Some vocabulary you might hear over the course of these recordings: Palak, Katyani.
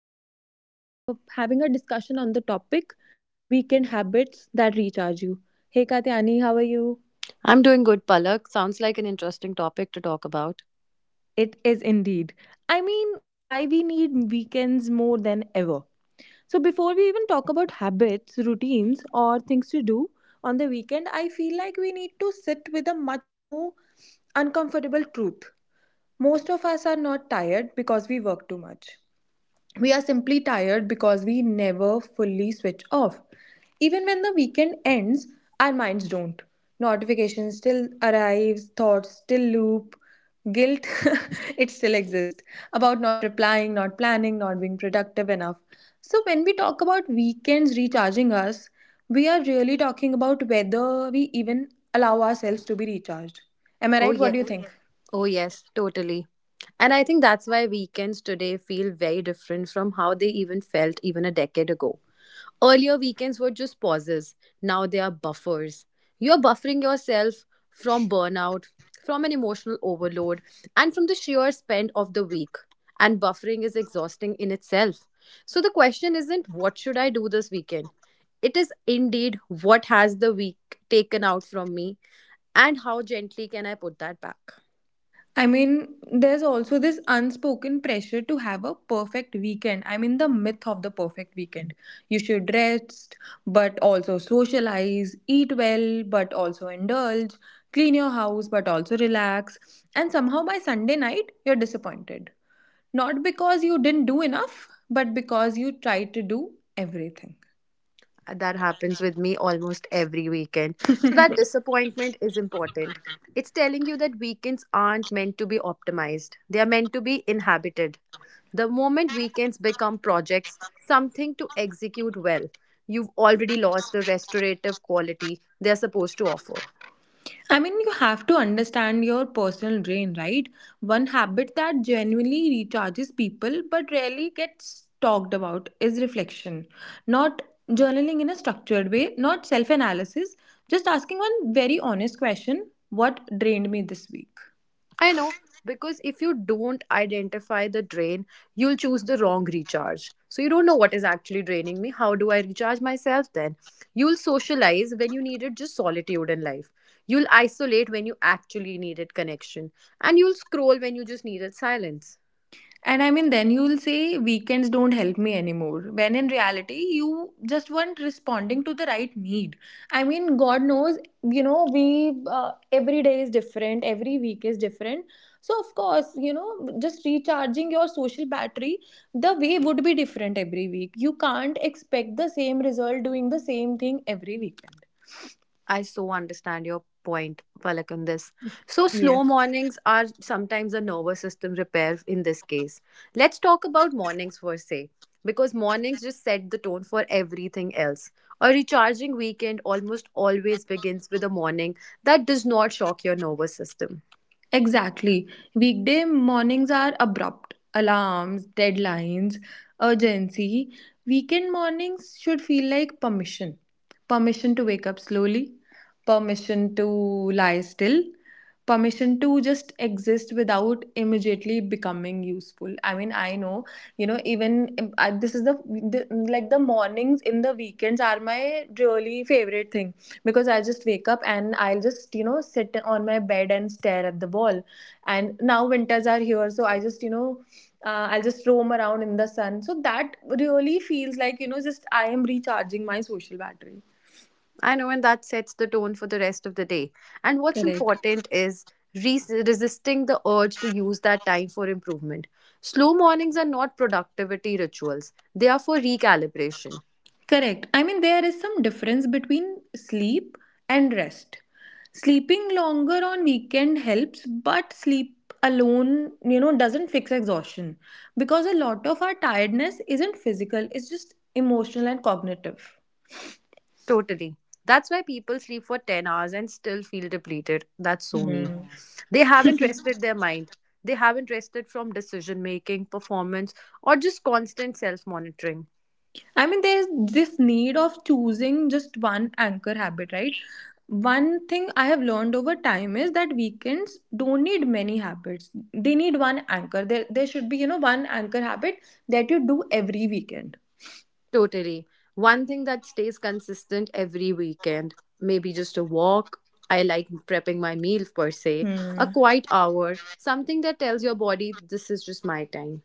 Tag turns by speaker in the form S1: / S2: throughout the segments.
S1: and we are having a discussion on the topic weekend habits that recharge you. Hey, Katyani, how are you?
S2: I'm doing good, Palak. Sounds like an interesting topic to talk about.
S1: It is indeed. I mean, why we need weekends more than ever. So before we even talk about habits, routines, or things to do on the weekend, I feel like we need to sit with a much more uncomfortable truth. Most of us are not tired because we work too much. We are simply tired because we never fully switch off. Even when the weekend ends, our minds don't. Notifications still arrives, thoughts still loop, guilt it still exists about not replying, not planning, not being productive enough. So when we talk about weekends recharging us, we are really talking about whether we even allow ourselves to be recharged. Am I
S2: Oh,
S1: right? What
S2: yeah.
S1: do you think?
S2: Oh, yes, totally. And I think that's why weekends today feel very different from how they even felt even a decade ago. Earlier, weekends were just pauses. Now they are buffers. You're buffering yourself from burnout, from an emotional overload, and from the sheer spend of the week. And buffering is exhausting in itself. So the question isn't what should I do this weekend? It is indeed what has the week taken out from me, and how gently can I put that back?
S1: I mean, there's also this unspoken pressure to have a perfect weekend. I mean, the myth of the perfect weekend. You should rest, but also socialize, eat well, but also indulge, clean your house, but also relax. And somehow by Sunday night, you're disappointed. Not because you didn't do enough, but because you tried to do everything.
S2: That happens with me almost every weekend. So that disappointment is important. It's telling you that weekends aren't meant to be optimized. They are meant to be inhabited. The moment weekends become projects, something to execute well, you've already lost the restorative quality they're supposed to offer.
S1: I mean, you have to understand your personal drain, right? One habit that genuinely recharges people but rarely gets talked about is reflection. Not journaling in a structured way, not self analysis, just asking one very honest question: what drained me this week?
S2: I know, because if you don't identify the drain, you'll choose the wrong recharge. So you don't know what is actually draining me. How do I recharge myself then? You'll socialize when you needed just solitude in life. You'll isolate when you actually needed connection. And you'll scroll when you just needed silence.
S1: And I mean, then you'll say weekends don't help me anymore. When in reality, you just weren't responding to the right need. I mean, God knows, you know, we every day is different, every week is different. So, of course, you know, just recharging your social battery, the way would be different every week. You can't expect the same result doing the same thing every weekend.
S2: I so understand your point, Palak, on this. So,
S1: Yes.
S2: slow mornings are sometimes a nervous system repair in this case. Let's talk about mornings per se, because mornings just set the tone for everything else. A recharging weekend almost always begins with a morning that does not shock your nervous system.
S1: Exactly. Weekday mornings are abrupt. Alarms, deadlines, urgency. Weekend mornings should feel like permission. Permission to wake up slowly, permission to lie still, permission to just exist without immediately becoming useful. I mean, I know, you know, even if I, this is the like the mornings in the weekends are my really favorite thing because I just wake up and I'll just, you know, sit on my bed and stare at the wall. And now winters are here, so I just, you know, I'll just roam around in the sun. So that really feels like, you know, just I am recharging my social battery.
S2: I know, and that sets the tone for the rest of the day. And what's
S1: Correct.
S2: important is resisting the urge to use that time for improvement. Slow mornings are not productivity rituals, they are for recalibration.
S1: Correct. I mean, there is some difference between sleep and rest. Sleeping longer on weekend helps, but sleep alone, you know, doesn't fix exhaustion because a lot of our tiredness isn't physical, it's just emotional and cognitive.
S2: Totally. That's why people sleep for 10 hours and still feel depleted. That's so me.
S1: Hmm.
S2: They haven't rested their mind. They haven't rested from decision making, performance, or just constant self monitoring.
S1: I mean, there's this need of choosing just one anchor habit, right? One thing I have learned over time is that weekends don't need many habits. They need one anchor. There should be, you know, one anchor habit that you do every weekend.
S2: Totally. One thing that stays consistent every weekend, maybe just a walk. I like prepping my meal per se, a
S1: Hmm.
S2: quiet hour, something that tells your body this is just my time.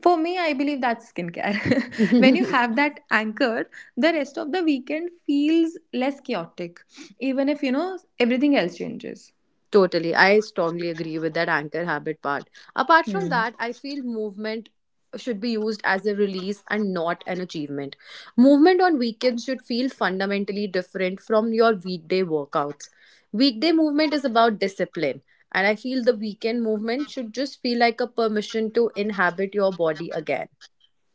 S1: For me, I believe that's skincare. When you have that anchor, the rest of the weekend feels less chaotic, even if, you know, everything else changes.
S2: Totally. I strongly agree with that anchor habit part. Apart from
S1: Hmm.
S2: that, I feel movement should be used as a release and not an achievement. Movement on weekends should feel fundamentally different from your weekday workouts. Weekday movement is about discipline, and I feel the weekend movement should just feel like a permission to inhabit your body again.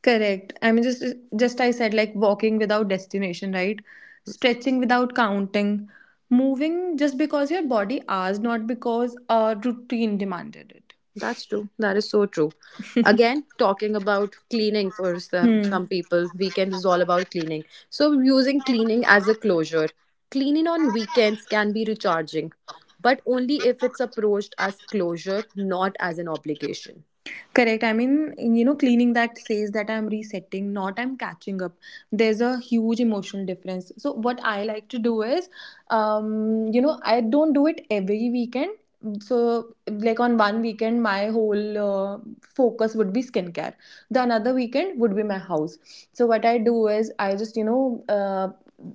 S1: Correct. I mean, just I said like walking without destination, right? Stretching without counting, moving just because your body asked, not because a routine demanded it.
S2: That's true. That is so true. Again, talking about cleaning for some people, weekend is all about cleaning. So, using cleaning as a closure. Cleaning on weekends can be recharging, but only if it's approached as closure, not as an obligation.
S1: Correct. I mean, you know, cleaning that says that I'm resetting, not I'm catching up. There's a huge emotional difference. So, what I like to do is, you know, I don't do it every weekend. So, like on one weekend, my whole focus would be skincare. The another weekend would be my house. So, what I do is, I just, you know, uh,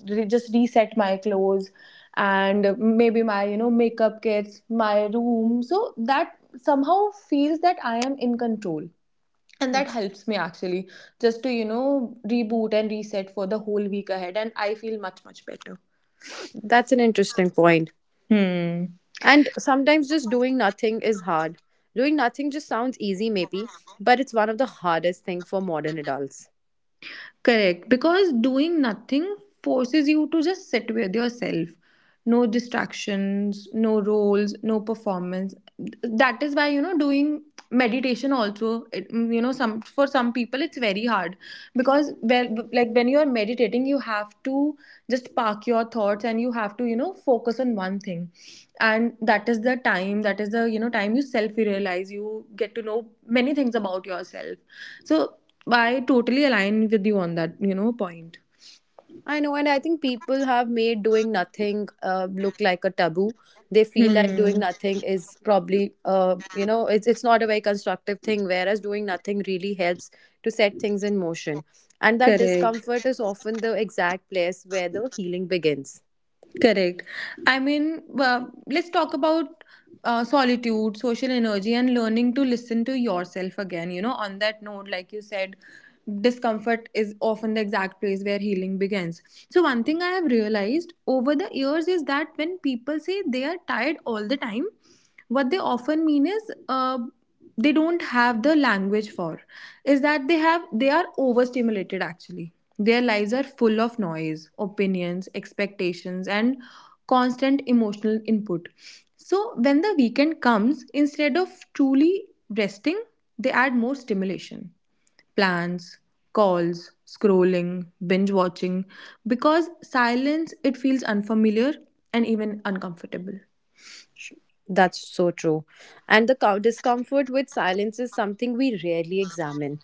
S1: re- just reset my clothes and maybe my, you know, makeup kits, my room. So, that somehow feels that I am in control. And that helps me actually just to, you know, reboot and reset for the whole week ahead. And I feel much, much better.
S2: That's an interesting point.
S1: Hmm.
S2: And sometimes just doing nothing is hard. Doing nothing just sounds easy, maybe, but it's one of the hardest things for modern adults.
S1: Correct. Because doing nothing forces you to just sit with yourself. No distractions, no roles, no performance. That is why, you know, doing meditation also, it, you know, some for some people it's very hard because well, like when you are meditating, you have to just park your thoughts and you have to, you know, focus on one thing. And that is the time, that is the, you know, time you self realize, you get to know many things about yourself. So I totally align with you on that, you know, point.
S2: I know, and I think people have made doing nothing look like a taboo. They feel like doing
S1: Hmm.
S2: nothing is probably, it's not a very constructive thing. Whereas doing nothing really helps to set things in motion, and that
S1: Correct.
S2: discomfort is often the exact place where the healing begins.
S1: Correct. I mean, let's talk about solitude, social energy, and learning to listen to yourself again. You know, on that note, like you said, discomfort is often the exact place where healing begins. So, one thing I have realized over the years is that when people say they are tired all the time, what they often mean is, they don't have the language for is that they are overstimulated actually, their lives are full of noise, opinions, expectations, and constant emotional input. So when the weekend comes, instead of truly resting, they add more stimulation, plans, calls, scrolling, binge watching, because silence, it feels unfamiliar and even uncomfortable.
S2: That's so true, and the discomfort with silence is something we rarely examine.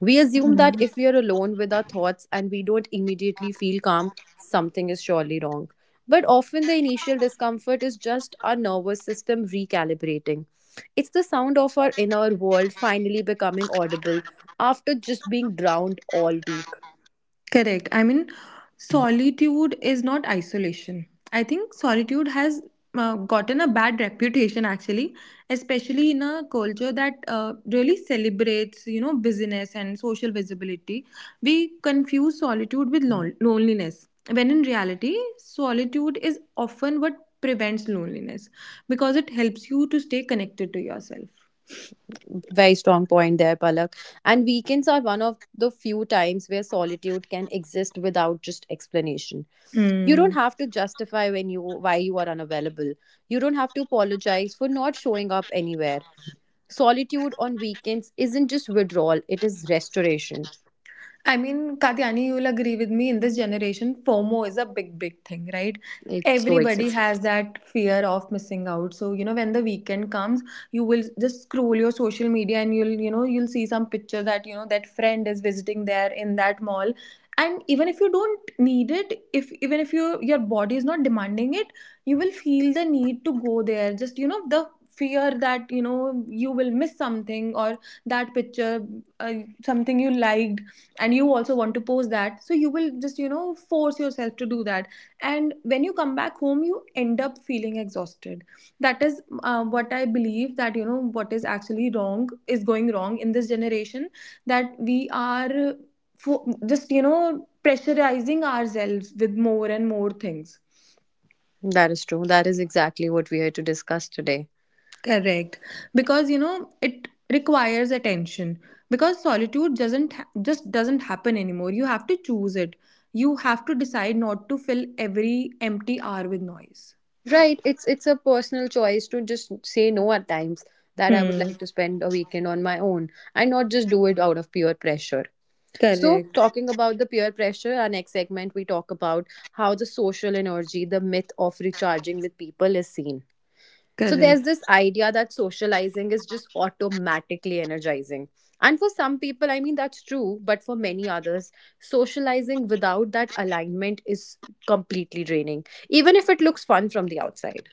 S2: We assume that
S1: Hmm.
S2: if we are alone with our thoughts and we don't immediately feel calm, something is surely wrong. But often the initial discomfort is just our nervous system recalibrating. It's the sound of our inner world finally becoming audible after just being drowned all week.
S1: Correct. I mean, solitude is not isolation. I think solitude has gotten a bad reputation actually, especially in a culture that really celebrates, you know, business and social visibility. We confuse solitude with loneliness, when in reality, solitude is often what prevents loneliness because it helps you to stay connected to yourself.
S2: Very strong point there, Palak. And weekends are one of the few times where solitude can exist without just explanation. You don't
S1: Hmm.
S2: have to justify when you, why you are unavailable. You don't have to apologize for not showing up anywhere. Solitude on weekends isn't just withdrawal, it is restoration.
S1: I mean, Katyani, you'll agree with me in this generation, FOMO is a big, big thing, right?
S2: It so
S1: Everybody
S2: exists.
S1: has that fear of missing out. So, you know, when the weekend comes, you will just scroll your social media and you'll, you know, you'll see some picture that, you know, that friend is visiting there in that mall. And even if you don't need it, if even if you your body is not demanding it, you will feel the need to go there. Just, you know, the fear that, you know, you will miss something or that picture, uh, something you liked and you also want to post that, so you will just, you know, force yourself to do that. And when you come back home you end up feeling exhausted. That is what I believe that, you know, what is actually wrong is going wrong in this generation, that we are fo- just you know pressurizing ourselves with more and more things.
S2: That is true, that is exactly what we are to discuss today.
S1: Correct. Because you know, it requires attention. Because solitude doesn't ha- just doesn't happen anymore. You have to choose it. You have to decide not to fill every empty hour with noise.
S2: Right, it's a personal choice to just say no at times, that I would
S1: Hmm.
S2: like to spend a weekend on my own and not just do it out of pure pressure. So,
S1: Correct.
S2: talking about the peer pressure, our next segment, we talk about how the social energy, the myth of recharging with people is seen. So there's
S1: Correct.
S2: this idea that socializing is just automatically energizing. And for some people, I mean, that's true, but for many others, socializing without that alignment is completely draining, even if it looks fun from the outside.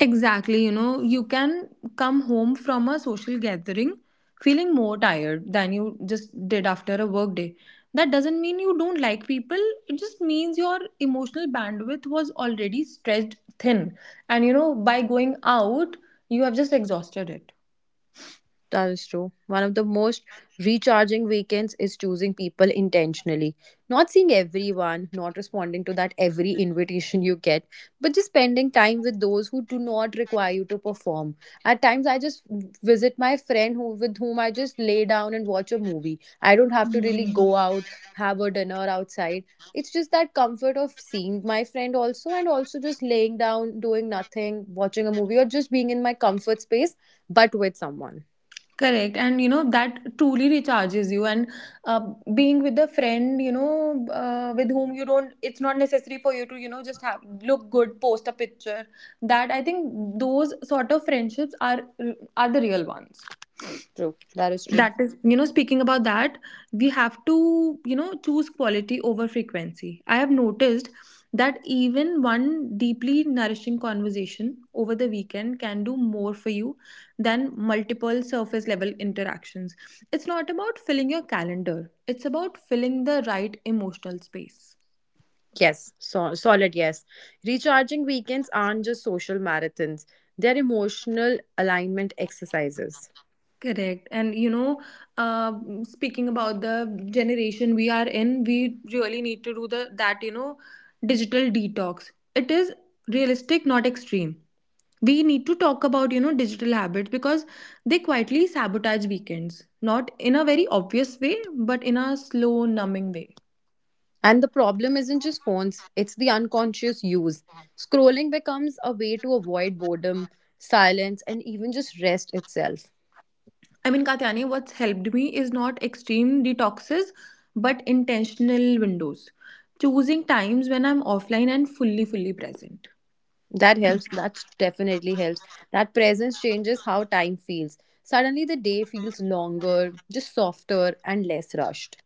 S1: Exactly, you know, you can come home from a social gathering feeling more tired than you just did after a work day. That doesn't mean you don't like people, it just means your emotional bandwidth was already stretched thin. And you know, by going out, you have just exhausted it.
S2: That is true. One of the most recharging weekends is choosing people intentionally. Not seeing everyone, not responding to that every invitation you get, but just spending time with those who do not require you to perform. At times, I just visit my friend who with whom I just lay down and watch a movie. I don't have to really go out, have a dinner outside. It's just that comfort of seeing my friend also, and also just laying down, doing nothing, watching a movie, or just being in my comfort space, but with someone.
S1: Correct. And you know, that truly recharges you. And uh, being with a friend, you know, with whom you don't, it's not necessary for you to, you know, just have look good, post a picture. That I think those sort of friendships are the real ones.
S2: True. That is true.
S1: That is, you know, speaking about that, we have to, you know, choose quality over frequency. I have noticed that even one deeply nourishing conversation over the weekend can do more for you than multiple surface level interactions. It's not about filling your calendar, it's about filling the right emotional space.
S2: Yes, so, solid yes. Recharging weekends aren't just social marathons, they're emotional alignment exercises.
S1: Correct. And you know, uh, speaking about the generation we are in, we really need to do the that, you know, digital detox. It is realistic, not extreme. We need to talk about, you know, digital habits because they quietly sabotage weekends. Not in a very obvious way, but in a slow, numbing way.
S2: And the problem isn't just phones, it's the unconscious use. Scrolling becomes a way to avoid boredom, silence, and even just rest itself.
S1: I mean, Katyani, what's helped me is not extreme detoxes, but intentional windows. Choosing times when I'm offline and fully, fully present.
S2: That helps, that definitely helps. That presence changes how time feels. Suddenly, the day feels longer, just softer, and less rushed.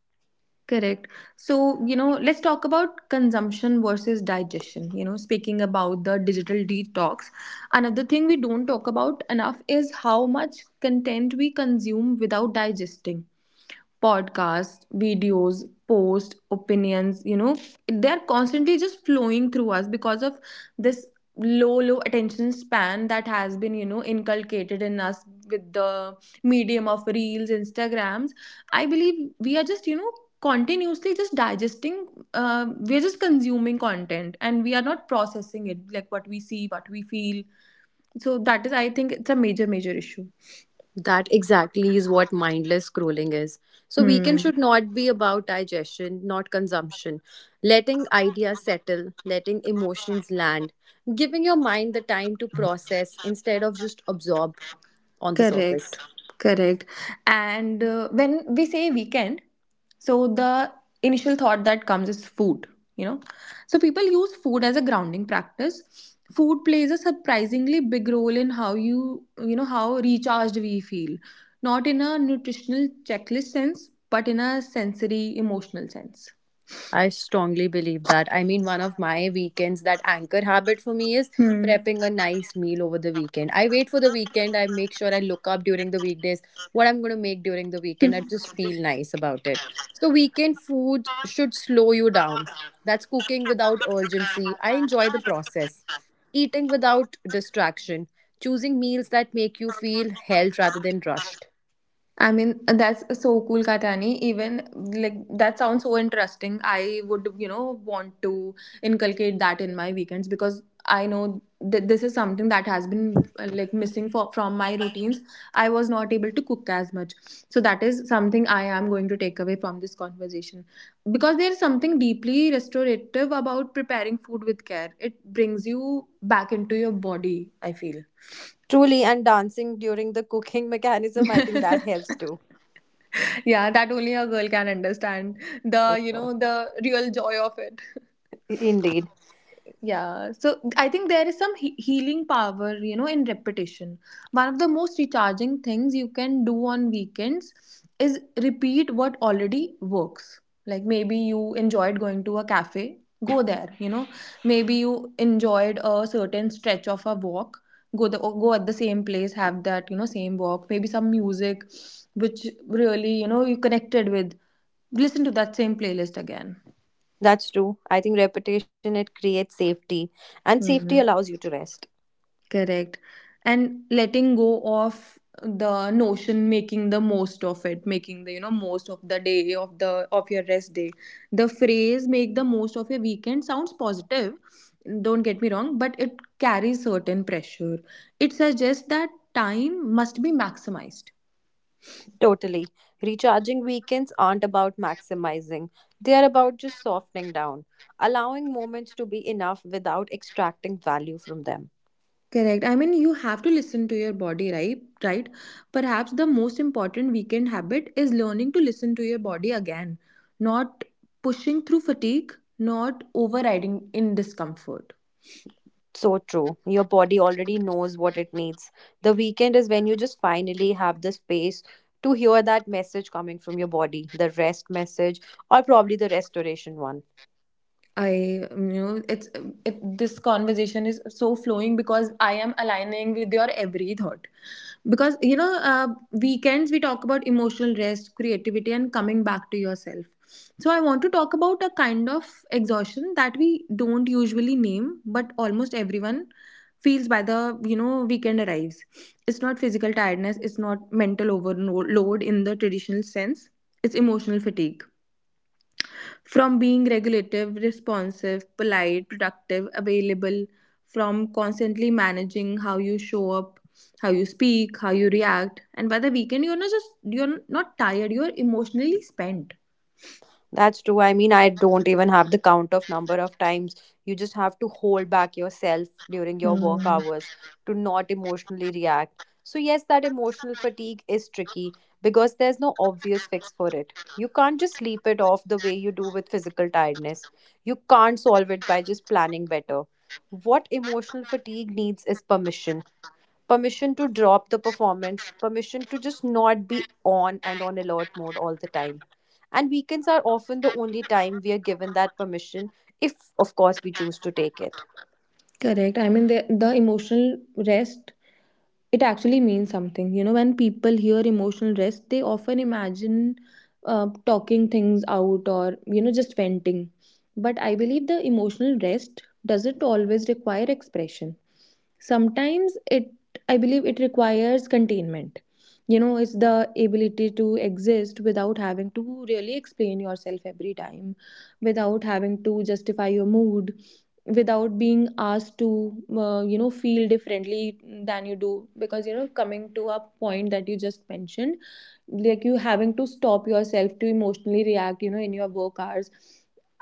S1: Correct. So, you know, let's talk about consumption versus digestion. You know, speaking about the digital detox, another thing we don't talk about enough is how much content we consume without digesting: podcasts, videos, posts, opinions, you know, they're constantly just flowing through us because of this low, low attention span that has been, you know, inculcated in us with the medium of reels, Instagrams. I believe we are just, you know, continuously just digesting we're just consuming content and we are not processing it, like what we see, what we feel. So that is, I think, it's a major, major issue.
S2: That exactly is what mindless scrolling is. So, weekend
S1: Hmm.
S2: should not be about digestion, not consumption. Letting ideas settle, letting emotions land, giving your mind the time to process instead of just absorb on the
S1: Correct.
S2: surface.
S1: Correct. And when we say weekend, so the initial thought that comes is food, you know. So people use food as a grounding practice. Food plays a surprisingly big role in how you, how recharged we feel. Not in a nutritional checklist sense, but in a sensory emotional sense.
S2: I strongly believe that. I mean, one of my weekends, that anchor habit for me is
S1: Hmm.
S2: prepping a nice meal over the weekend. I wait for the weekend. I make sure I look up during the weekdays what I'm going to make during the weekend. I just feel nice about it. So, weekend food should slow you down. That's cooking without urgency. I enjoy the process. Eating without distraction. Choosing meals that make you feel held rather than rushed.
S1: I mean, that's so cool, Katani. Even like that sounds so interesting. I would, want to inculcate that in my weekends because I know that this is something that has been like missing for from my routines. I was not able to cook as much, so that is something I am going to take away from this conversation because there is something deeply restorative about preparing food with care. It brings you back into your body. I feel.
S2: Truly, and dancing during the cooking mechanism, I think that helps too.
S1: Yeah, that only a girl can understand the,
S2: For sure.
S1: the real joy of it.
S2: Indeed,
S1: Yeah, so I think there is some healing power, in repetition. One of the most recharging things you can do on weekends is repeat what already works. Like maybe you enjoyed going to a cafe, go there. Maybe you enjoyed a certain stretch of a walk, go go at the same place, have that, same walk. Maybe some music which really, you connected with. Listen to that same playlist again.
S2: that's true. I think repetition it creates safety, and safety
S1: Mm-hmm.
S2: allows you to rest.
S1: Correct. And letting go of the notion, making the most of it, making the, most of the day of the of your rest day. The phrase make the most of your weekend sounds positive, don't get me wrong, but it carries certain pressure. It suggests that time must be maximized.
S2: Totally. Recharging weekends aren't about maximizing, they are about just softening down, allowing moments to be enough without extracting value from them.
S1: Correct. I mean, you have to listen to your body, right? Right. Perhaps the most important weekend habit is learning to listen to your body again, not pushing through fatigue, not overriding in discomfort.
S2: So true. Your body already knows what it needs. The weekend is when you just finally have the space to hear that message coming from your body, the rest message, or probably the restoration one.
S1: It, this conversation is so flowing because I am aligning with your every thought. Because, weekends we talk about emotional rest, creativity, and coming back to yourself. So, I want to talk about a kind of exhaustion that we don't usually name, but almost everyone feels by the weekend arrives. It's not physical tiredness, it's not mental overload in the traditional sense, it's emotional fatigue from being regulative, responsive, polite, productive, available, from constantly managing how you show up, how you speak, how you react, and by the weekend you're not tired, you're emotionally spent.
S2: That's true. I mean, I don't even have the count of number of times. You just have to hold back yourself during your work hours to not emotionally react. So, yes, that emotional fatigue is tricky because there's no obvious fix for it. You can't just sleep it off the way you do with physical tiredness. You can't solve it by just planning better. What emotional fatigue needs is permission, permission to drop the performance, permission to just not be on and on alert mode all the time. And weekends are often the only time we are given that permission, if of course we choose to take it.
S1: Correct. I mean, the emotional rest, it actually means something. You know, when people hear emotional rest, they often imagine talking things out or, just venting. But I believe the emotional rest doesn't always require expression. Sometimes it, I believe, it requires containment. You know, it's the ability to exist without having to really explain yourself every time, without having to justify your mood without being asked to feel differently than you do because you know coming to a point that you just mentioned like you having to stop yourself to emotionally react you know in your work hours.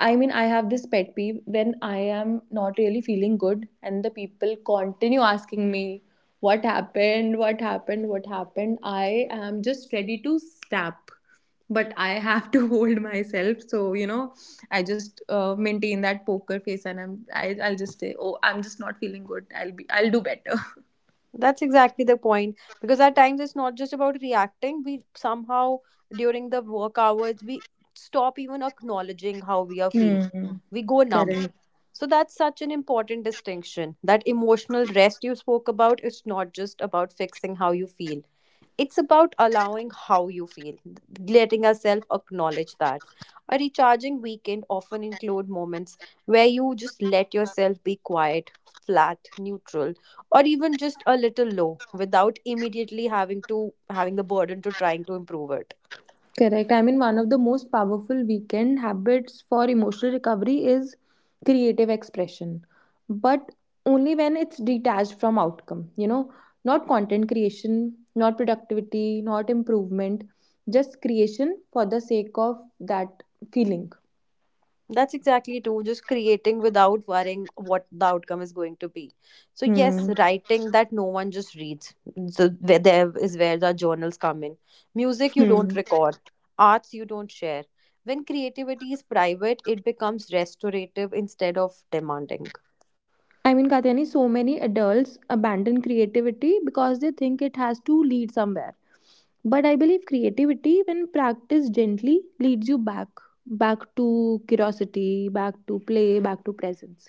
S1: I mean, I have this pet peeve when I am not really feeling good and the people continue asking me, what happened, what happened, what happened? I am just ready to snap, but I have to hold myself. So, I just maintain that poker face and I'll just say, oh, I'm just not feeling good, I'll do better.
S2: That's exactly the point because at times it's not just about reacting, we somehow during the work hours we stop even acknowledging how we are feeling,
S1: Hmm.
S2: we go numb.
S1: Correct.
S2: So that's such an important distinction. That emotional rest you spoke about is not just about fixing how you feel. It's about allowing how you feel, letting yourself acknowledge that. A recharging weekend often include moments where you just let yourself be quiet, flat, neutral, or even just a little low without immediately having to having the burden to trying to improve it.
S1: Correct. I mean, one of the most powerful weekend habits for emotional recovery is creative expression, but only when it's detached from outcome, not content creation, not productivity, not improvement, just creation for the sake of that feeling.
S2: That's exactly true. Just creating without worrying what the outcome is going to be. So yes,
S1: Hmm.
S2: writing that no one just reads. So where there is where the journals come in. Music you
S1: Hmm.
S2: don't record, arts you don't share. When creativity is private, it becomes restorative instead of demanding.
S1: I mean, Katyani, so many adults abandon creativity because they think it has to lead somewhere. But I believe creativity, when practiced gently, leads you back, back to curiosity, back to play, back to presence.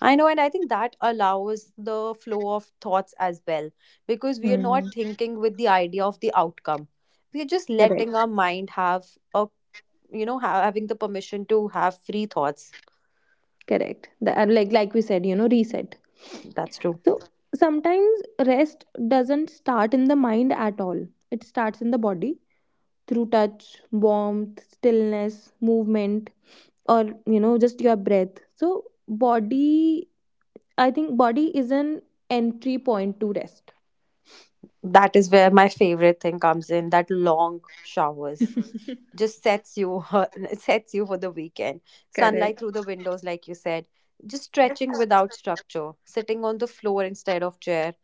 S2: I know, and I think that allows the flow of thoughts as well because we are not thinking with the idea of the outcome. We are just letting
S1: Correct.
S2: our mind have a, you know, having the permission to have free thoughts.
S1: Correct. The, and like we said, reset.
S2: That's true.
S1: So sometimes rest doesn't start in the mind at all. It starts in the body through touch, warmth, stillness, movement, or just your breath. So, body, I think, body is an entry point to rest.
S2: That is where my favorite thing comes in, that long showers just sets you it sets you for the weekend, sunlight
S1: Correct.
S2: through the windows like you said, just stretching without structure, sitting on the floor instead of chair.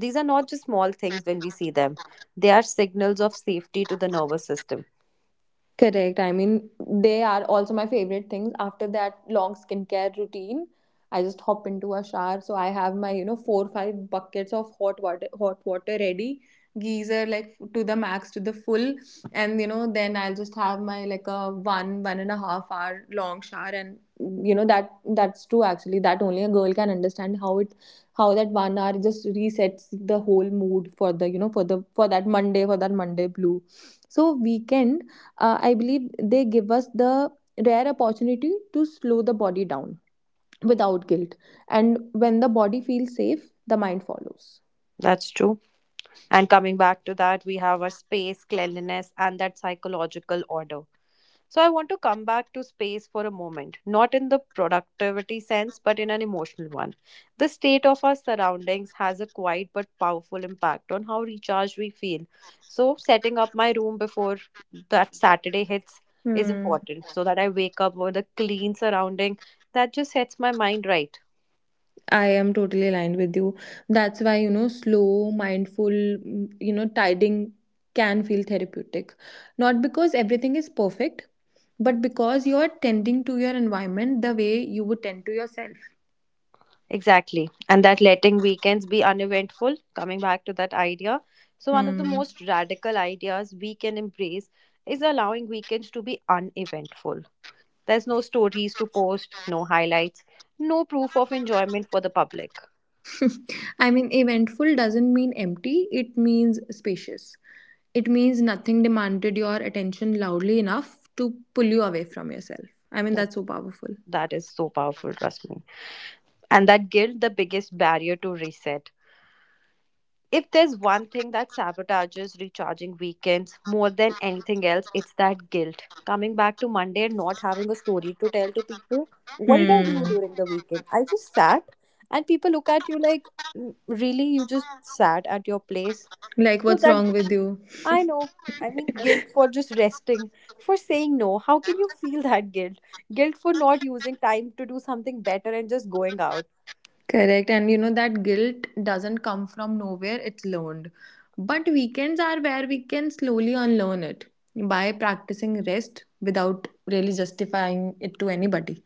S2: These are not just small things when we see them, they are signals of safety to the nervous system.
S1: Correct. I mean, they are also my favorite things. After that long skincare routine, I just hop into a shower. So I have my, four five buckets of hot water ready, geyser like to the max, to the full, and then I'll just have my like a one and a half hour long shower, and you know that's true actually. That only a girl can understand how that 1 hour just resets the whole mood for the for the for that Monday, for that Monday blue. So weekend, I believe they give us the rare opportunity to slow the body down without guilt. And when the body feels safe, the mind follows.
S2: That's true. And coming back to that, we have our space, cleanliness, and that psychological order. So, I want to come back to space for a moment, not in the productivity sense, but in an emotional one. The state of our surroundings has a quiet but powerful impact on how recharged we feel. So, setting up my room before that Saturday hits is
S1: Hmm.
S2: important so that I wake up with a clean surrounding that just sets my mind right.
S1: I am totally aligned with you. That's why, slow, mindful, tidying can feel therapeutic. Not because everything is perfect, but because you are tending to your environment the way you would tend to yourself.
S2: Exactly. And that letting weekends be uneventful, coming back to that idea. So, one of the
S1: Hmm.
S2: most radical ideas we can embrace is allowing weekends to be uneventful. There's no stories to post, no highlights, no proof of enjoyment for the public.
S1: I mean, eventful doesn't mean empty, it means spacious. It means nothing demanded your attention loudly enough to pull you away from yourself. I mean,
S2: That,
S1: that's so powerful.
S2: that is so powerful, trust me. And that guilt, the biggest barrier to reset. If there's one thing that sabotages recharging weekends more than anything else, it's that guilt. Coming back to Monday and not having a story to tell to people, what did I
S1: Hmm.
S2: do during the weekend? I just sat, and people look at you like, "Mm, really, you just sat at your place?
S1: Like,
S2: So
S1: what's
S2: that
S1: wrong with you?
S2: I know. I mean, guilt for just resting, for saying no. How can you feel that guilt? Guilt for not using time to do something better and just going out.
S1: Correct. And you know that guilt doesn't come from nowhere, it's learned. But weekends are where we can slowly unlearn it by practicing rest without really justifying it to anybody.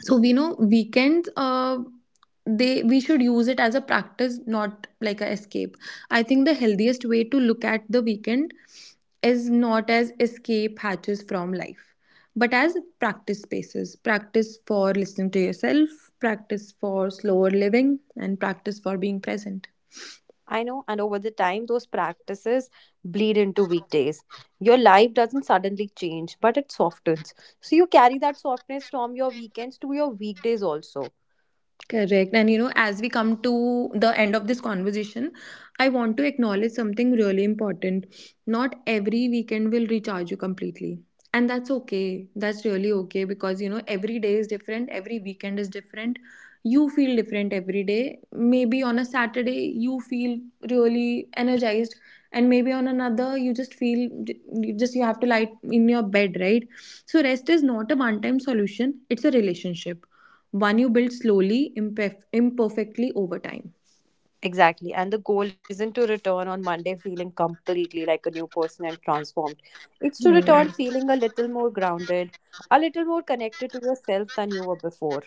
S1: So we know weekends, they we should use it as a practice, not like a escape. I think the healthiest way to look at the weekend is not as escape hatches from life, but as practice spaces, practice for listening to yourself, practice for slower living, and practice for being present.
S2: I know, and over the time, those practices bleed into weekdays. Your life doesn't suddenly change, but it softens. So you carry that softness from your weekends to your weekdays also.
S1: Correct. And you know, as we come to the end of this conversation, I want to acknowledge something really important. Not every weekend will recharge you completely. And that's okay. That's really okay because you know, every day is different, every weekend is different. You feel different every day. Maybe on a Saturday, you feel really energized, and maybe on another, you just feel you have to lie in your bed, right? So, rest is not a one time solution, it's a relationship one you build slowly, imperfectly over time.
S2: Exactly. And the goal isn't to return on Monday feeling completely like a new person and transformed. It's to
S1: Hmm.
S2: return Hmm. feeling a little more grounded, a little more connected to yourself than you were before.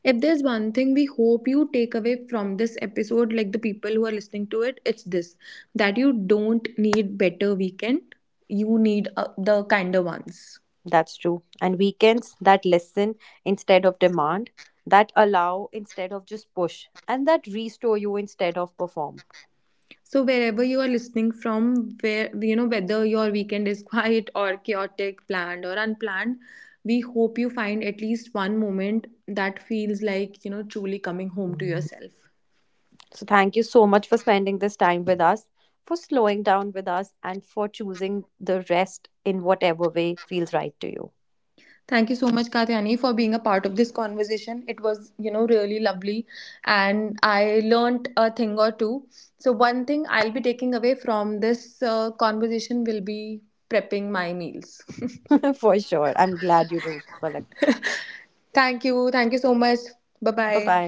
S1: If there's one thing we hope you take away from this episode, like the people who are listening to it, it's this, that you don't need better weekend, you need the kinder ones.
S2: That's true. And weekends that listen instead of demand, that allow instead of just push, and that restore you instead of perform.
S1: So wherever you are listening from, where you know whether your weekend is quiet or chaotic, planned or unplanned, we hope you find at least one moment that feels like you know truly coming home to yourself.
S2: So, thank you so much for spending this time with us, for slowing down with us, and for choosing the rest in whatever way feels right to you.
S1: Thank you so much, Katyani, for being a part of this conversation. It was, really lovely and I learned a thing or two. So, one thing I'll be taking away from this conversation will be prepping my meals.
S2: For sure. I'm glad you do, Palak.
S1: Thank you. Thank you so much. Bye
S2: Bye
S1: bye.
S2: bye.